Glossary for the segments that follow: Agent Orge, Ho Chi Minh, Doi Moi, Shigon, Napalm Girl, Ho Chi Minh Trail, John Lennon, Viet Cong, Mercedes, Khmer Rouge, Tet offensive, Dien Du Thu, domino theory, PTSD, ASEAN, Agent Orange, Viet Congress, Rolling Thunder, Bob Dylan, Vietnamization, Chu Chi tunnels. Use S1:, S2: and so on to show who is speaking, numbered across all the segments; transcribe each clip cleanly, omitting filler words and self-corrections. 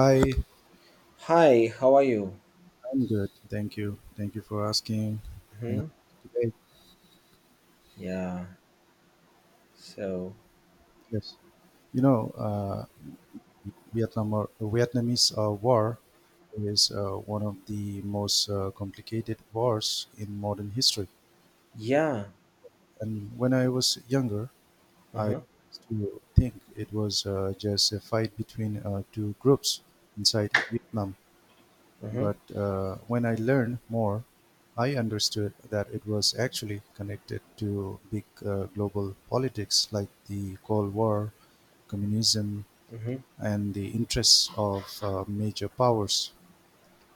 S1: Hi.
S2: Hi, how are you?
S1: I'm good. Thank you. Thank you for asking. And
S2: Hmm.
S1: today,
S2: Yeah. So,
S1: yes, you know, Vietnam or Vietnamese war is one of the most complicated wars in modern history.
S2: yeah.
S1: And when I was younger, I
S2: Uh-huh.
S1: used to think it was just a fight between two groups inside Vietnam.
S2: Uh-huh.
S1: But when I learned more, I understood that it was actually connected to big global politics like the Cold War, communism,
S2: Uh-huh.
S1: and the interests of major powers.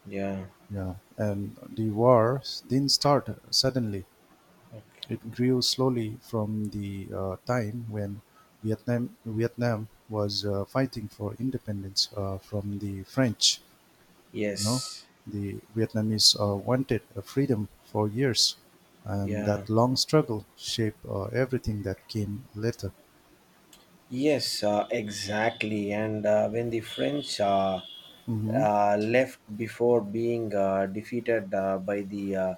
S2: Yeah.
S1: Yeah, and the war didn't start suddenly.
S2: Okay.
S1: It grew slowly from the time when Vietnam was fighting for independence from the French. You know,
S2: Yes.
S1: the Vietnamese wanted freedom for years, and
S2: Yeah.
S1: that long struggle shaped everything that came later.
S2: Yes, exactly. And when the French
S1: Mm-hmm.
S2: left before being defeated by the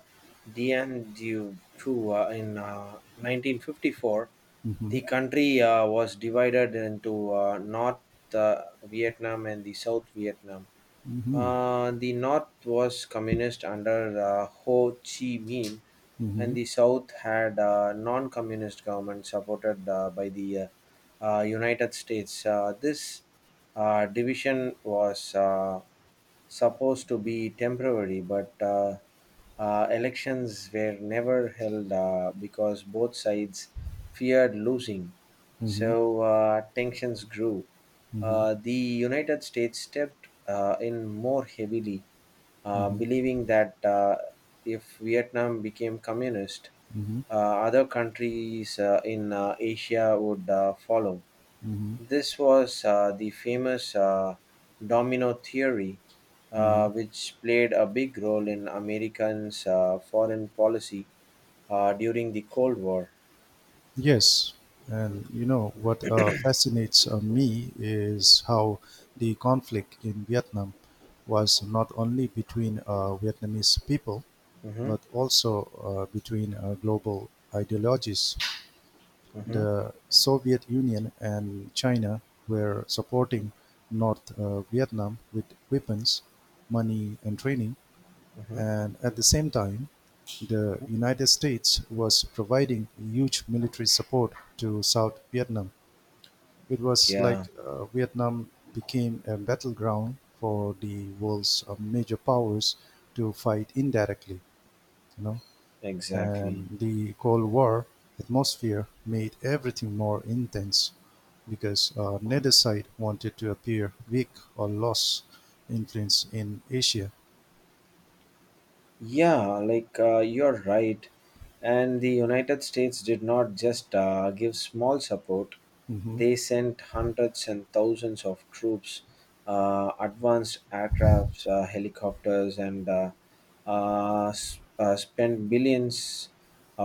S2: Dien Du Thu in 1954,
S1: Mm-hmm.
S2: the country was divided into North Vietnam and the South Vietnam.
S1: Mm-hmm.
S2: The north was communist under Ho Chi Minh, and
S1: Mm-hmm.
S2: the south had a non communist government supported by the United States. This division was supposed to be temporary, but elections were never held because both sides feared losing.
S1: Mm-hmm.
S2: So tensions grew.
S1: Mm-hmm.
S2: The United States stepped in more heavily,
S1: Mm-hmm.
S2: believing that if Vietnam became communist,
S1: Mm-hmm.
S2: uh, other countries in Asia would follow.
S1: Mm-hmm.
S2: This was the famous domino theory,
S1: Mm-hmm.
S2: which played a big role in Americans' foreign policy during the Cold War.
S1: Yes, and you know what fascinates me is how the conflict in Vietnam was not only between Vietnamese people
S2: Hmm.
S1: but also between global ideologies.
S2: Hmm.
S1: The Soviet Union and China were supporting North Vietnam with weapons, money, and training.
S2: Hmm.
S1: And at the same time, the United States was providing huge military support to South Vietnam. It was like
S2: Yeah,
S1: Vietnam became a battleground for the world's major powers to fight indirectly. You know,
S2: exactly.
S1: and the Cold War atmosphere made everything more intense because neither side wanted to appear weak or lose influence in Asia.
S2: Yeah, like you're right. And the United States did not just give small support.
S1: Hmm
S2: They sent hundreds and thousands of troops, advanced aircrafts, helicopters, and spent billions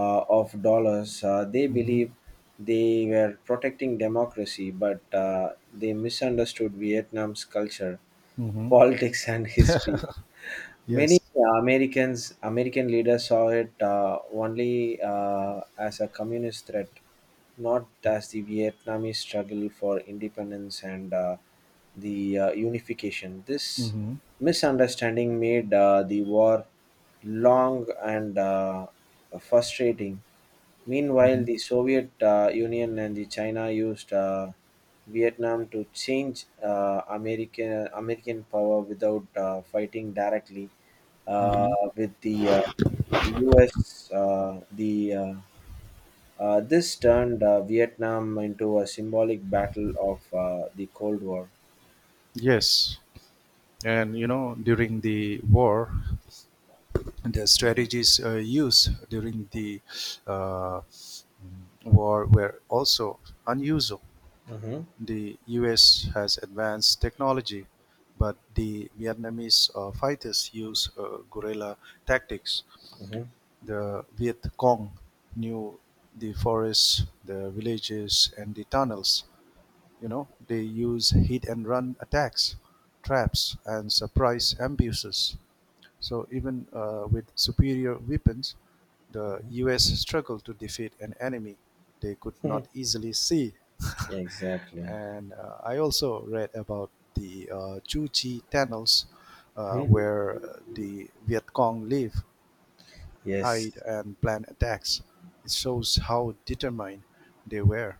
S2: of dollars. They
S1: hmm
S2: believed they were protecting democracy, but they misunderstood Vietnam's culture,
S1: hmm
S2: politics, and history. Many
S1: Yes.
S2: American leaders saw it only as a communist threat, not as the Vietnamese struggle for independence and the unification. This
S1: hmm
S2: misunderstanding made the war long and frustrating. Meanwhile,
S1: hmm
S2: the Soviet Union and the China used Vietnam to change American power without fighting directly uh,
S1: hmm
S2: with the U.S. The this turned Vietnam into a symbolic battle of the Cold War.
S1: Yes. And you know, during the war, the
S2: Mhm.
S1: strategies used during the uh, mm, war were also unusual.
S2: Mhm.
S1: The U.S. has advanced technology, but the Vietnamese fighters use guerrilla tactics.
S2: Mhm.
S1: The Viet Cong knew the forests, the villages, and the tunnels. You know, they use hit and run attacks, traps, and surprise ambushes. So even with superior weapons, the U.S. struggled to defeat an enemy they could not
S2: Mhm.
S1: easily see.
S2: Exactly.
S1: And I also read about the Chu Chi tunnels,
S2: Mhm.
S1: where the Viet Cong live, hide,
S2: Yes.
S1: and plan attacks. It shows how determined they were.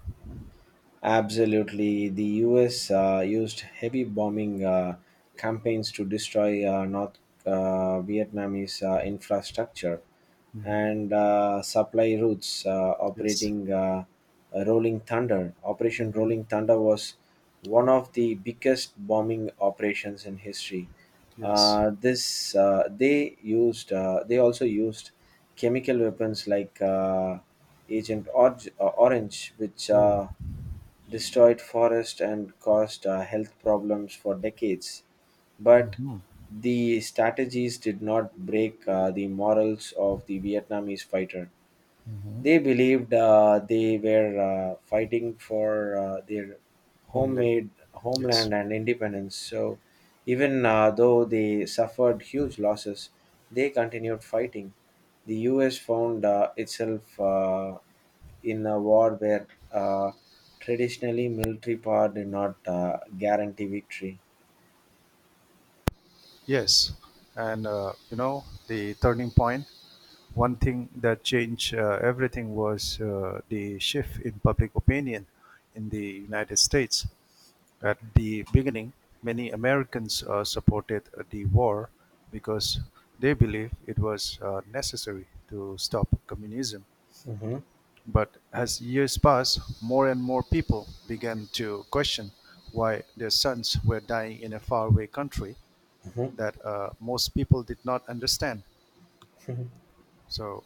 S2: Absolutely. The US used heavy bombing campaigns to destroy North Vietnamese infrastructure
S1: Hmm
S2: and supply routes
S1: Yes.
S2: operating Rolling Thunder. Operation
S1: hmm
S2: Rolling Thunder was one of the biggest bombing operations in history.
S1: Yes.
S2: This they used they also used chemical weapons like Agent Orange, which
S1: Oh.
S2: destroyed forests and caused health problems for decades. But
S1: hmm
S2: the strategies did not break the morals of the Vietnamese fighter.
S1: hmm
S2: They believed they were fighting for their
S1: Homeland.
S2: homemade homeland
S1: Yes.
S2: and independence. So even though they suffered huge losses, they continued fighting. The U.S. found itself in a war where traditionally military power did not guarantee victory.
S1: Yes, and you know the turning point. One thing that changed everything was the shift in public opinion in the United States. At the beginning, many Americans supported the war because they believed it was necessary to stop communism.
S2: Mhm.
S1: But as years passed, more and more people began to question why their sons were dying in a faraway country
S2: Mhm.
S1: that most people did not understand. So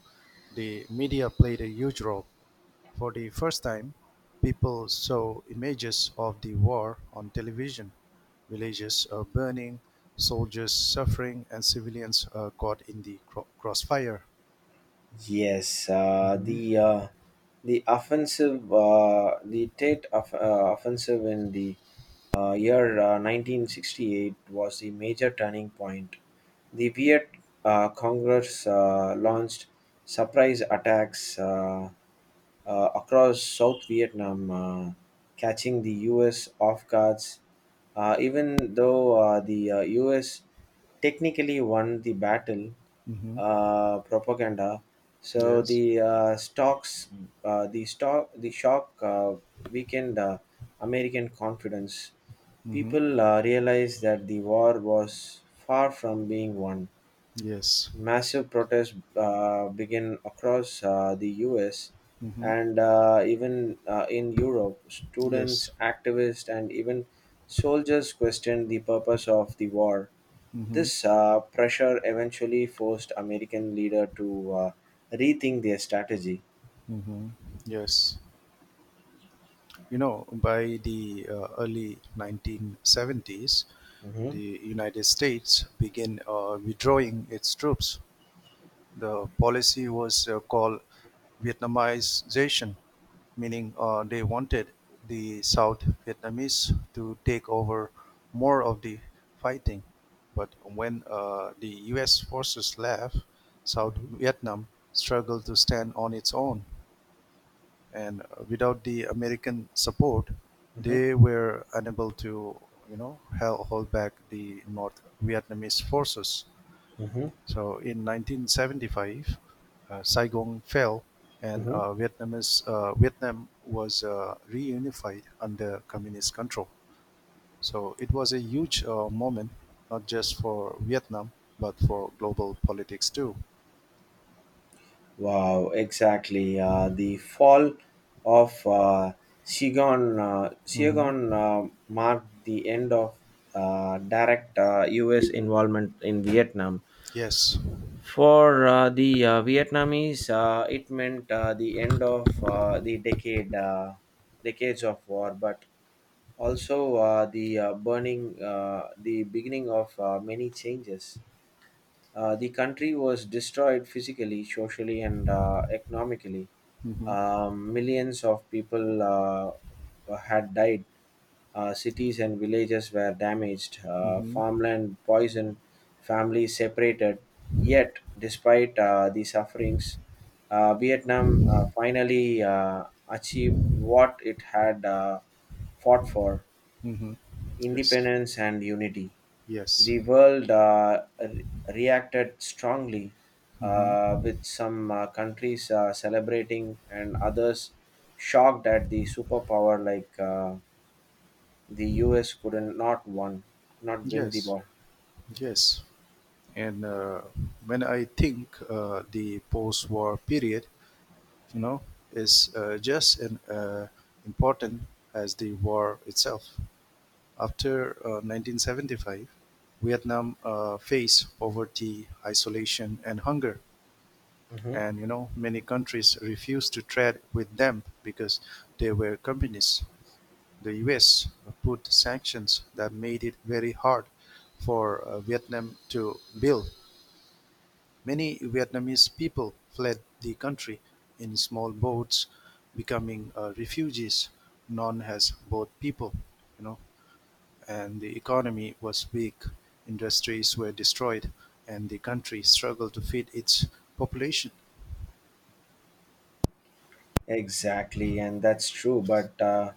S1: the media played a huge role. For the first time, people saw images of the war on television. Villages burning, soldiers suffering, and civilians caught in the crossfire.
S2: Yes,
S1: Mm-hmm.
S2: the Tet offensive in the year 1968 was the major turning point. The Viet Congress launched surprise attacks. Across South Vietnam, catching the US off guards. Even though the US technically won the battle,
S1: Mm-hmm.
S2: propaganda. So
S1: Yes.
S2: the stocks, the stock, the shock weakened American confidence.
S1: Mm-hmm.
S2: People realized that the war was far from being won.
S1: Yes.
S2: Massive protests began across the US
S1: Mm-hmm.
S2: and even in Europe. Students,
S1: Yes.
S2: activists, and even soldiers questioned the purpose of the war.
S1: Mm-hmm.
S2: This pressure eventually forced American leader to rethink their strategy.
S1: Mm-hmm. Yes, you know, by the early 1970s,
S2: Hmm.
S1: the United States began withdrawing its troops. The policy was called Vietnamization, meaning they wanted the South Vietnamese to take over more of the fighting. But when the US forces left, South
S2: Hmm.
S1: Vietnam struggled to stand on its own, and without the American support, they were unable to, you know, hold back the North Vietnamese forces.
S2: Hmm. Hmm.
S1: So in 1975, Saigon fell, and
S2: Hmm.
S1: Vietnam was reunified under communist control. So it was a huge moment, not just for Vietnam but for global politics too.
S2: Wow, exactly. The fall of
S1: Hmm
S2: Shigon marked the end of direct U.S. involvement in Vietnam.
S1: Yes.
S2: For the Vietnamese, it meant the end of decades of war, but also the beginning of many changes. The country was destroyed physically, socially, and economically.
S1: hmm
S2: Millions of people had died. Cities and villages were damaged. Uh,
S1: hmm
S2: farmland poisoned. Families separated. Yet, despite the sufferings, Vietnam finally achieved what it had fought for
S1: hmm Yes.
S2: independence and unity.
S1: Yes.
S2: The world reacted strongly,
S1: hmm
S2: with some countries celebrating and others shocked at the superpower like the US couldn't not win the
S1: Yes,
S2: war.
S1: yes. And when I think the post-war period, you know, is just as important as the war itself. After 1975, Vietnam faced poverty, isolation, and hunger.
S2: Hmm.
S1: And, you know, many countries refused to trade with them because they were communists. The US put sanctions that made it very hard for Vietnam to build. Many Vietnamese people fled the country in small boats, becoming refugees known as boat people, you know, and the economy was weak, industries were destroyed, and the country struggled to feed its population.
S2: Exactly, and that's true. But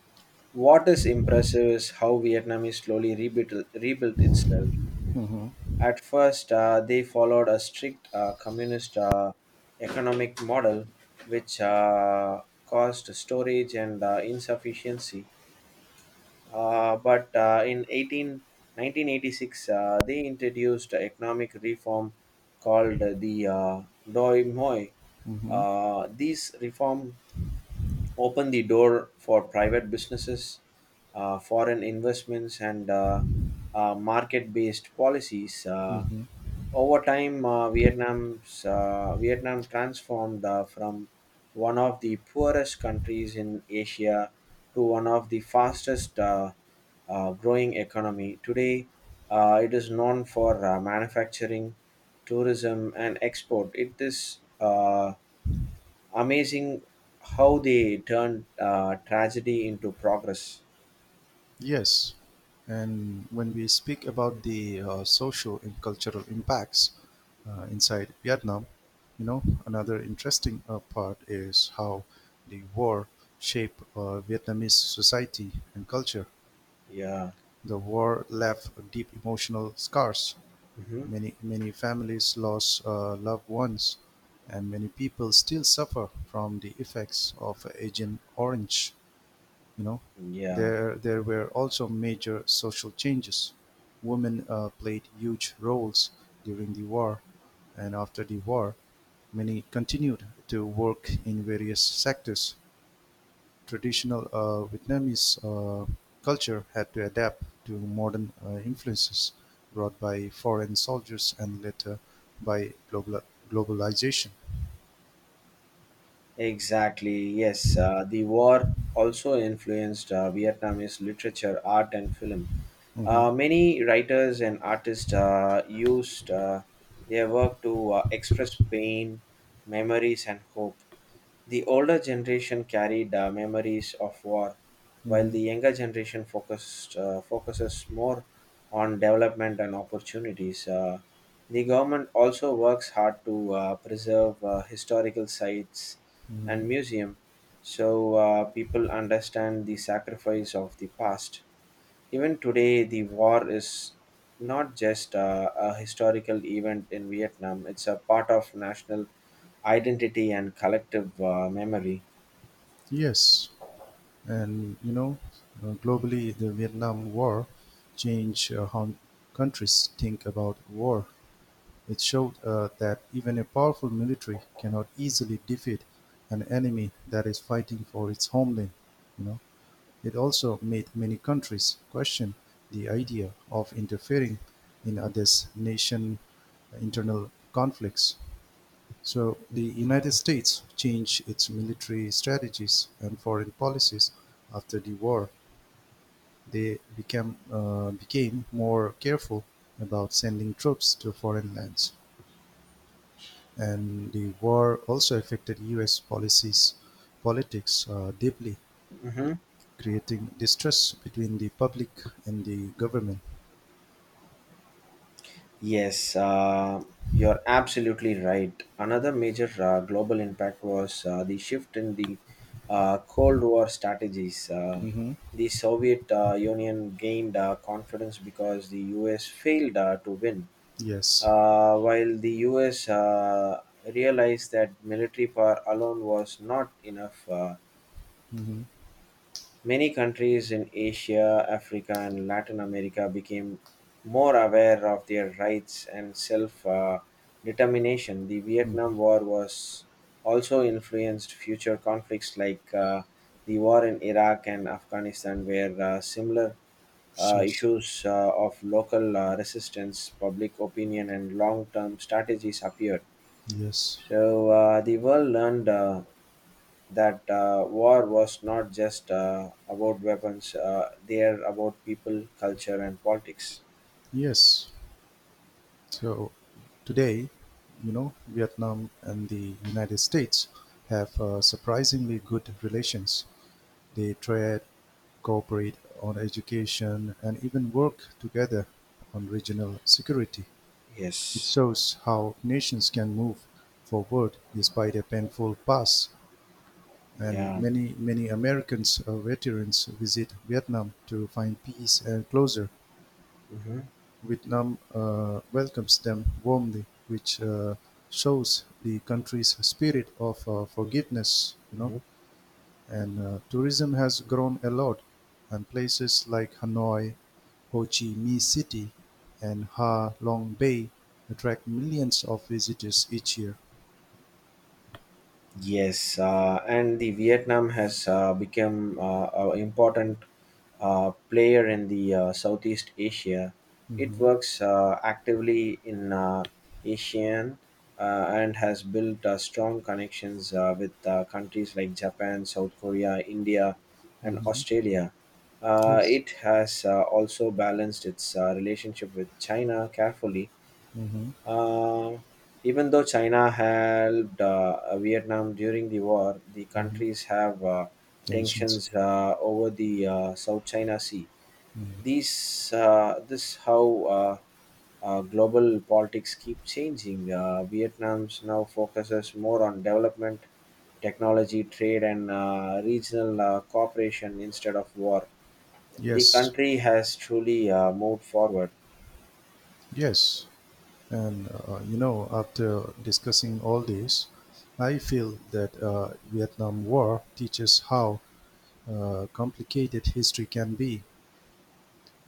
S2: what is impressive is how Vietnam is slowly rebuilt itself.
S1: Mhm.
S2: At first, they followed a strict communist economic model, which caused storage and insufficiency. But in 1986, they introduced economic reform called the Doi Moi.
S1: Mhm.
S2: These reform opened the door for private businesses, foreign investments, and market-based policies. Uh,
S1: Mhm.
S2: over time, Vietnam transformed from one of the poorest countries in Asia to one of the fastest growing economy. Today, it is known for manufacturing, tourism, and export. It is amazing how they turned tragedy into progress.
S1: Yes, and when we speak about the social and cultural impacts inside Vietnam, you know, another interesting part is how the war shaped Vietnamese society and culture.
S2: Yeah.
S1: The war left deep emotional scars.
S2: Hmm.
S1: Many families lost loved ones, and many people still suffer from the effects of Agent Orange. You know,
S2: Yeah.
S1: there were also major social changes. Women played huge roles during the war, and after the war many continued to work in various sectors. Traditional Vietnamese culture had to adapt to modern influences brought by foreign soldiers and later by globalization.
S2: Exactly, yes. The war also influenced Vietnamese literature, art, and film.
S1: Mhm.
S2: Many writers and artists used their work to express pain, memories, and hope. The older generation carried memories of war, while
S1: Mhm.
S2: the younger generation focuses more on development and opportunities. The government also works hard to preserve historical sites
S1: Mhm.
S2: and museum so people understand the sacrifice of the past. Even today, the war is not just a historical event in Vietnam, it's a part of national identity and collective memory.
S1: Yes. And you know, globally, the Vietnam War changed how countries think about war. It showed that even a powerful military cannot easily defeat an enemy that is fighting for its homeland. You know, it also made many countries question the idea of interfering in others' nation, internal conflicts. So the United States changed its military strategies and foreign policies after the war. They became more careful about sending troops to foreign lands, and the war also affected U.S. policies politics deeply,
S2: Hmm.
S1: creating distrust between the public and the government.
S2: Yes, you're absolutely right. Another major global impact was the shift in the Cold War strategies. Uh,
S1: Hmm
S2: the Soviet Union gained confidence because the US failed to win,
S1: Yes.
S2: while the US realized that military power alone was not enough.
S1: hmm
S2: Many countries in Asia, Africa, and Latin America became more aware of their rights and self determination. The Vietnam War was also influenced future conflicts like the war in Iraq and Afghanistan, where similar
S1: Sure.
S2: issues of local resistance, public opinion, and long term strategies appeared.
S1: Yes.
S2: So the world learned that war was not just about weapons; they are about people, culture, and politics.
S1: Yes. So today, you know, Vietnam and the United States have surprisingly good relations. They trade, cooperate on education, and even work together on regional security. It
S2: Yes.
S1: shows how nations can move forward despite a painful past. And
S2: Yeah.
S1: many Americans veterans visit Vietnam to find peace and closure.
S2: Hmm.
S1: Vietnam welcomes them warmly, which shows the country's spirit of forgiveness. You know,
S2: Hmm.
S1: and tourism has grown a lot, and places like Hanoi, Ho Chi Minh City, and Ha Long Bay attract millions of visitors each year.
S2: Yes, and the Vietnam has become an important player in the Southeast Asia. It
S1: Mm-hmm.
S2: works actively in ASEAN uh, and has built strong connections with countries like Japan, South Korea, India, and
S1: Mm-hmm.
S2: Australia. Uh,
S1: Yes.
S2: it has also balanced its relationship with China carefully.
S1: Mm-hmm.
S2: Uh, even though China helped Vietnam during the war, the countries have
S1: Tensions.
S2: tensions over the South China Sea. This how global politics keep changing. Vietnam's now focuses more on development, technology, trade, and regional cooperation instead of war. The
S1: Yes.
S2: country has truly moved forward.
S1: Yes, and you know, after discussing all this, I feel that Vietnam War teaches how complicated history can be.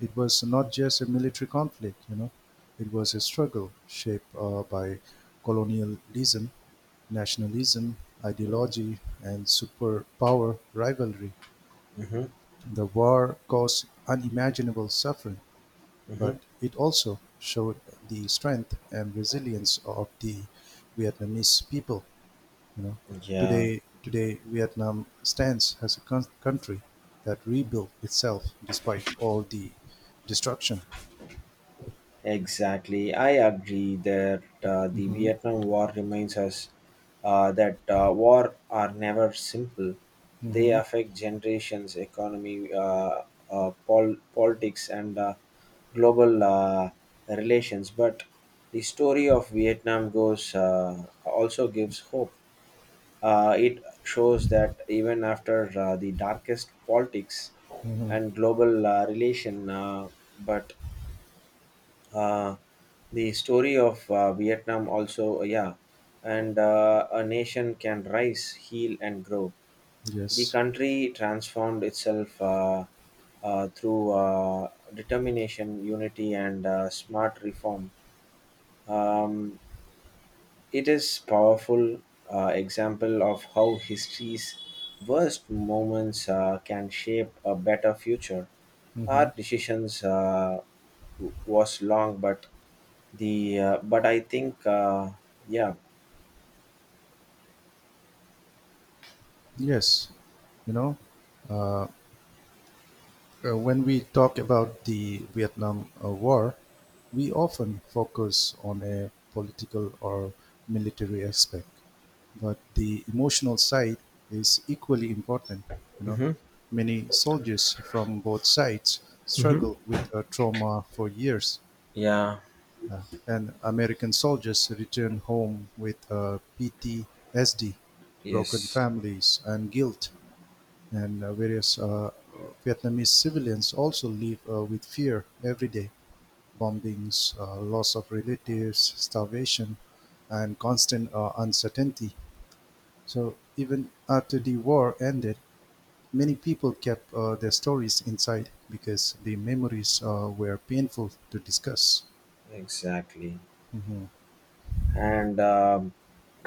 S1: It was not just a military conflict, you know, it was a struggle shaped by colonialism, nationalism, ideology, and superpower rivalry.
S2: Hmm.
S1: The war caused unimaginable suffering,
S2: Hmm.
S1: but it also showed the strength and resilience of the Vietnamese people. You know,
S2: Yeah.
S1: today Vietnam stands as a country that rebuilt itself despite all the destruction.
S2: Exactly. I agree that the
S1: Mhm.
S2: Vietnam War reminds us that war are never simple. They
S1: Mm-hmm.
S2: affect generations, economy, politics, and global relations. But the story of Vietnam goes also gives hope. It shows that even after the darkest politics and global relation, but uh, the story of Vietnam also, yeah, and a nation can rise, heal, and grow. The
S1: Yes.
S2: country transformed itself through determination, unity, and smart reform. Um, it is powerful example of how history's worst moments can shape a better future.
S1: Mm-hmm.
S2: Our decisions was long, but the but I think yeah.
S1: Yes. You know, uh, when we talk about the Vietnam War, we often focus on a political or military aspect, but the emotional side is equally important. You know,
S2: Hmm.
S1: many soldiers from both sides struggle
S2: Hmm.
S1: with trauma for years.
S2: Yeah.
S1: And American soldiers returned home with PTSD, broken
S2: Yes.
S1: families, and guilt. And various Vietnamese civilians also live with fear every day: bombings, loss of relatives, starvation, and constant uncertainty. So even after the war ended, many people kept their stories inside because the memories were painful to discuss.
S2: Exactly.
S1: Mhm.
S2: And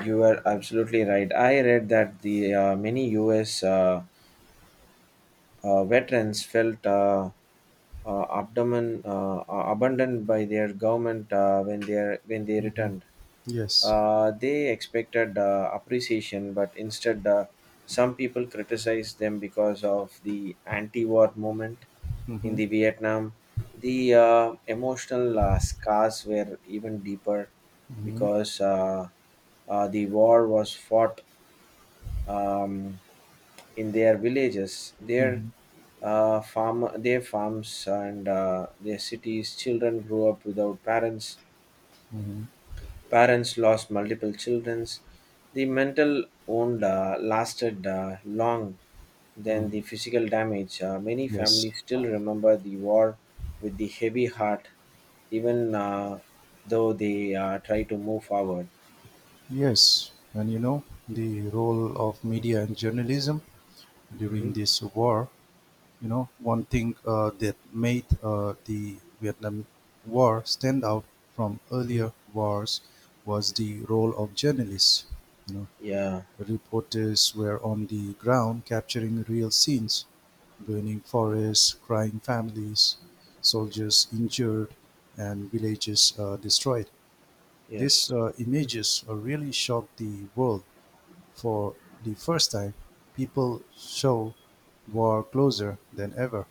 S2: you were absolutely right. I read that the many U.S. Veterans felt. Abdomen abandoned by their government when when they returned.
S1: Yes.
S2: They expected appreciation, but instead, some people criticized them because of the anti-war movement in
S1: hmm
S2: the Vietnam. The emotional scars were even deeper
S1: Mhm.
S2: because The war was fought um, in their villages,
S1: Mhm.
S2: their farms, and their cities. Children grew up without parents. Parents lost multiple childrens. The mental wound lasted long than the
S1: Mhm.
S2: physical damage. Many
S1: Yes,
S2: families still remember the war with the heavy heart, even though they try to move forward.
S1: yes. And you know, the role of media and journalism
S2: Hmm.
S1: during this war, you know, one thing that made the Vietnam War stand out from
S2: Hmm.
S1: earlier wars was the role of journalists. You know,
S2: Yeah.
S1: reporters were on the ground capturing real scenes: burning forests, crying families, soldiers injured, and villages destroyed. These
S2: Yes.
S1: uh, images uh, really shocked the world. For the first time, people saw war closer than ever.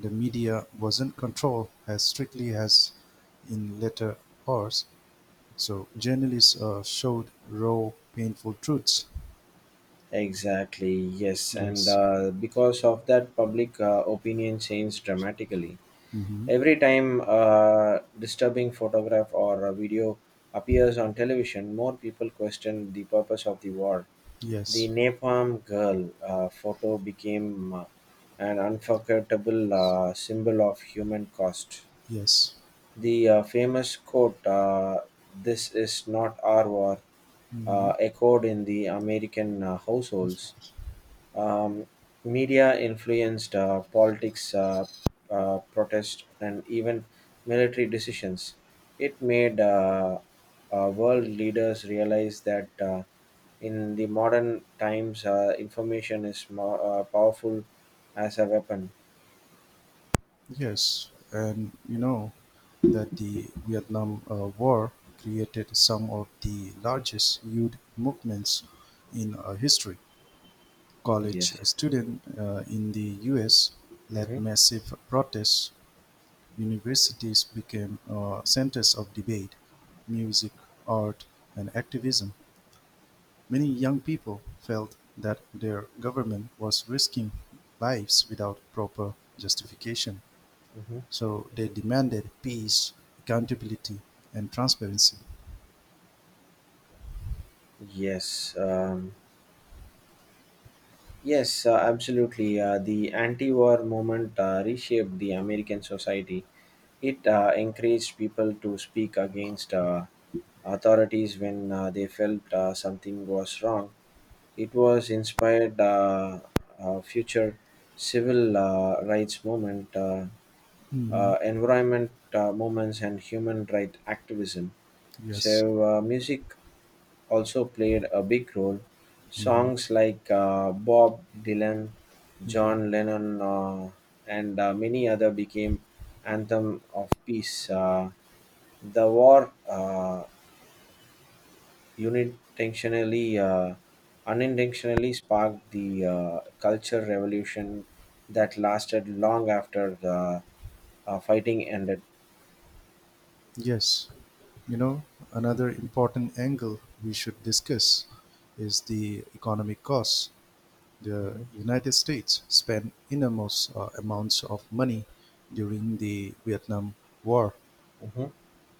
S1: The media wasn't controlled as strictly as in later wars, so journalists showed raw, painful truths.
S2: Exactly, yes. And
S1: Yes.
S2: because of that, public opinion changed dramatically.
S1: hmm
S2: Every time a disturbing photograph or a video appears on television, more people question the purpose of the war. The
S1: Yes.
S2: Napalm Girl photo became an unforgettable symbol of human cost.
S1: Yes.
S2: The famous quote, "This is not our war,"
S1: hmm
S2: echoed in the American
S1: Of
S2: households.
S1: course.
S2: Um, media influenced politics, protest, and even military decisions. It made world leaders realize that in the modern times, information is more powerful as a weapon.
S1: Yes, and you know that the Vietnam War created some of the largest youth movements in history. College
S2: Yes.
S1: students in the US led
S2: Hmm.
S1: massive protests. Universities became centers of debate, music, art, and activism. Many young people felt that their government was risking lives without proper justification.
S2: Hmm.
S1: So they demanded peace, accountability, and transparency.
S2: Yes, yes, absolutely. The anti-war movement reshaped the American society. It encouraged people to speak against authorities when they felt something was wrong. It was inspired a future civil rights movement,
S1: Hmm
S2: environment movements, and human rights activism. So
S1: Yes.
S2: music also played a big role.
S1: hmm
S2: Songs like Bob Dylan,
S1: hmm
S2: John Lennon, and many other became anthem of peace. The war unintentionally uh, unintentionally sparked the culture revolution that lasted long after the fighting ended.
S1: Yes. You know, another important angle we should discuss is the economic costs. The
S2: Mhm.
S1: United States spent enormous amounts of money during the Vietnam War,
S2: Mhm.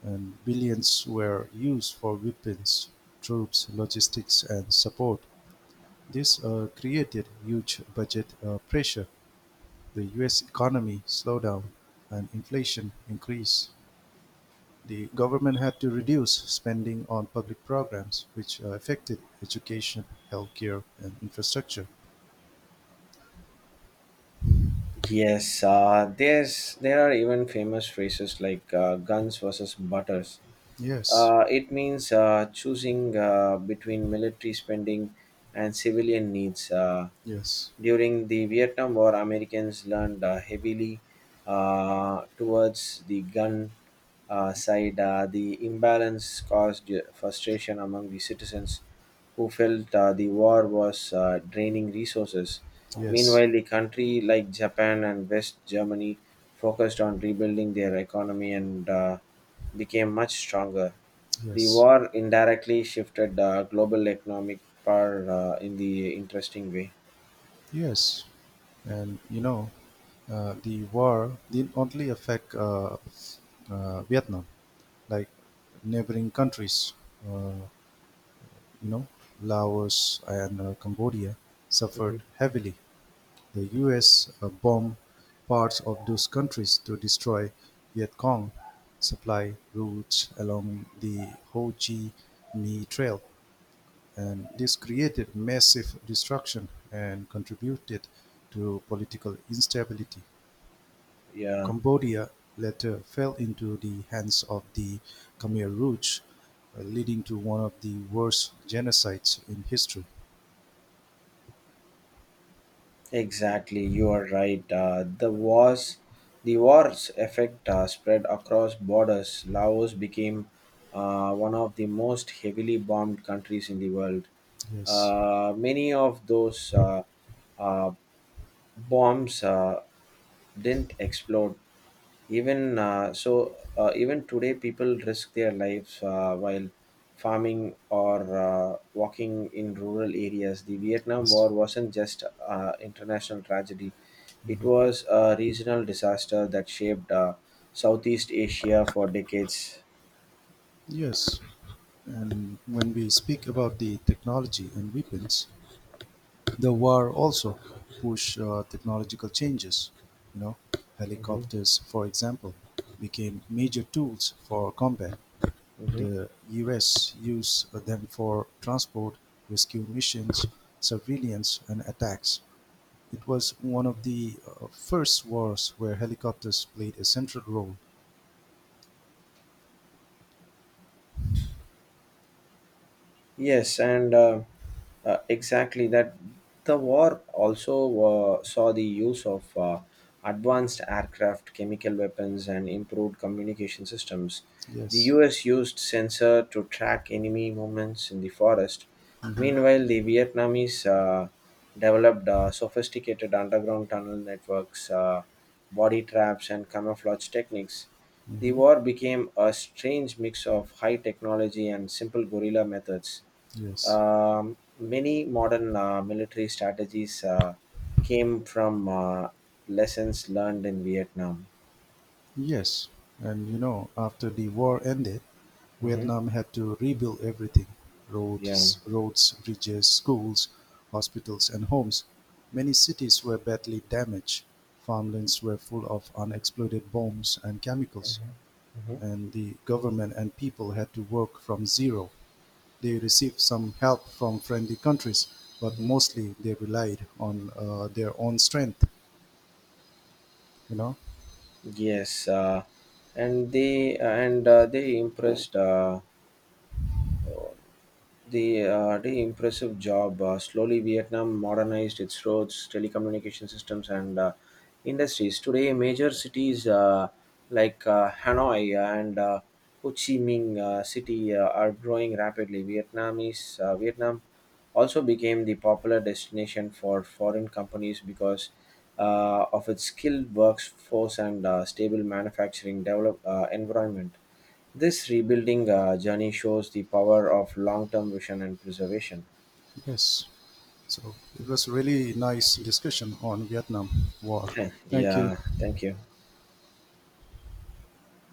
S1: and billions were used for weapons, troops, logistics, and support. This created huge budget pressure. The U.S. economy slowed down and inflation increased. The government had to reduce spending on public programs, which affected education, healthcare, and infrastructure.
S2: Yes, there are even famous phrases like guns versus butters.
S1: Yes,
S2: It means choosing between military spending and civilian needs. Uh,
S1: yes,
S2: during the Vietnam War, Americans learned heavily towards the gun side. The imbalance caused frustration among the citizens who felt the war was draining resources.
S1: yes,
S2: Meanwhile, a country like Japan and West Germany focused on rebuilding their economy and became much stronger. The
S1: yes,
S2: war indirectly shifted global economic power in the interesting way.
S1: yes. And you know, the war didn't only affect Vietnam, like neighboring countries, uh, you know, Laos and Cambodia suffered
S2: Mhm.
S1: heavily. The U. S. Bombed parts of those countries to destroy Viet Cong supply routes along the Ho Chi Minh Trail, and this created massive destruction and contributed to political instability.
S2: Yeah.
S1: Cambodia later fell into the hands of the Khmer Rouge, leading to one of the worst genocides in history.
S2: Exactly, you are right. The war's effect spread across borders. Laos became one of the most heavily bombed countries in the world.
S1: Yes.
S2: Many of those uh, bombs didn't explode. Even today, people risk their lives while farming or walking in rural areas. The Vietnam War
S1: Yes.
S2: wasn't just international tragedy; it was a regional disaster that shaped Southeast Asia for decades.
S1: Yes. And when we speak about the technology and weapons, the war also push technological changes. You know,
S2: Mhm.
S1: helicopters, for example, became major tools for combat.
S2: Mhm.
S1: The U.S. used them for transport, rescue missions, surveillance, and attacks. It was one of the first wars where helicopters played a central role.
S2: Yes, and exactly that the war also saw the use of advanced aircraft, chemical weapons, and improved communication systems. The
S1: Yes.
S2: US used sensor to track enemy movements in the forest.
S1: hmm
S2: Meanwhile, the Vietnamese developed sophisticated underground tunnel networks, body traps, and camouflage techniques. The
S1: hmm
S2: war became a strange mix of high technology and simple guerrilla methods.
S1: Yes.
S2: Um, Many modern military strategies came from lessons learned in Vietnam.
S1: Yes, and you know, after the war ended,
S2: Hmm.
S1: Vietnam had to rebuild everything:
S2: Yeah.
S1: roads, bridges, schools, hospitals, and homes. Many cities were badly damaged. Farmlands were full of unexploded bombs and chemicals,
S2: Mhm. Mhm.
S1: and the government and people had to work from zero. They received some help from friendly countries, but
S2: Mhm.
S1: mostly they relied on their own strength, you know?
S2: Yes, and they impressed the impressive job. Slowly, Vietnam modernized its roads, telecommunication systems, and industries. Today, major cities like Hanoi and Ho Chi Minh City are growing rapidly. Vietnam also became the popular destination for foreign companies because of its skilled workforce and stable manufacturing develop environment. This rebuilding journey shows the power of long term vision and preservation.
S1: Yes. So it was really nice discussion on Vietnam War.
S2: Huh.
S1: Thank you.
S2: Yeah, thank you.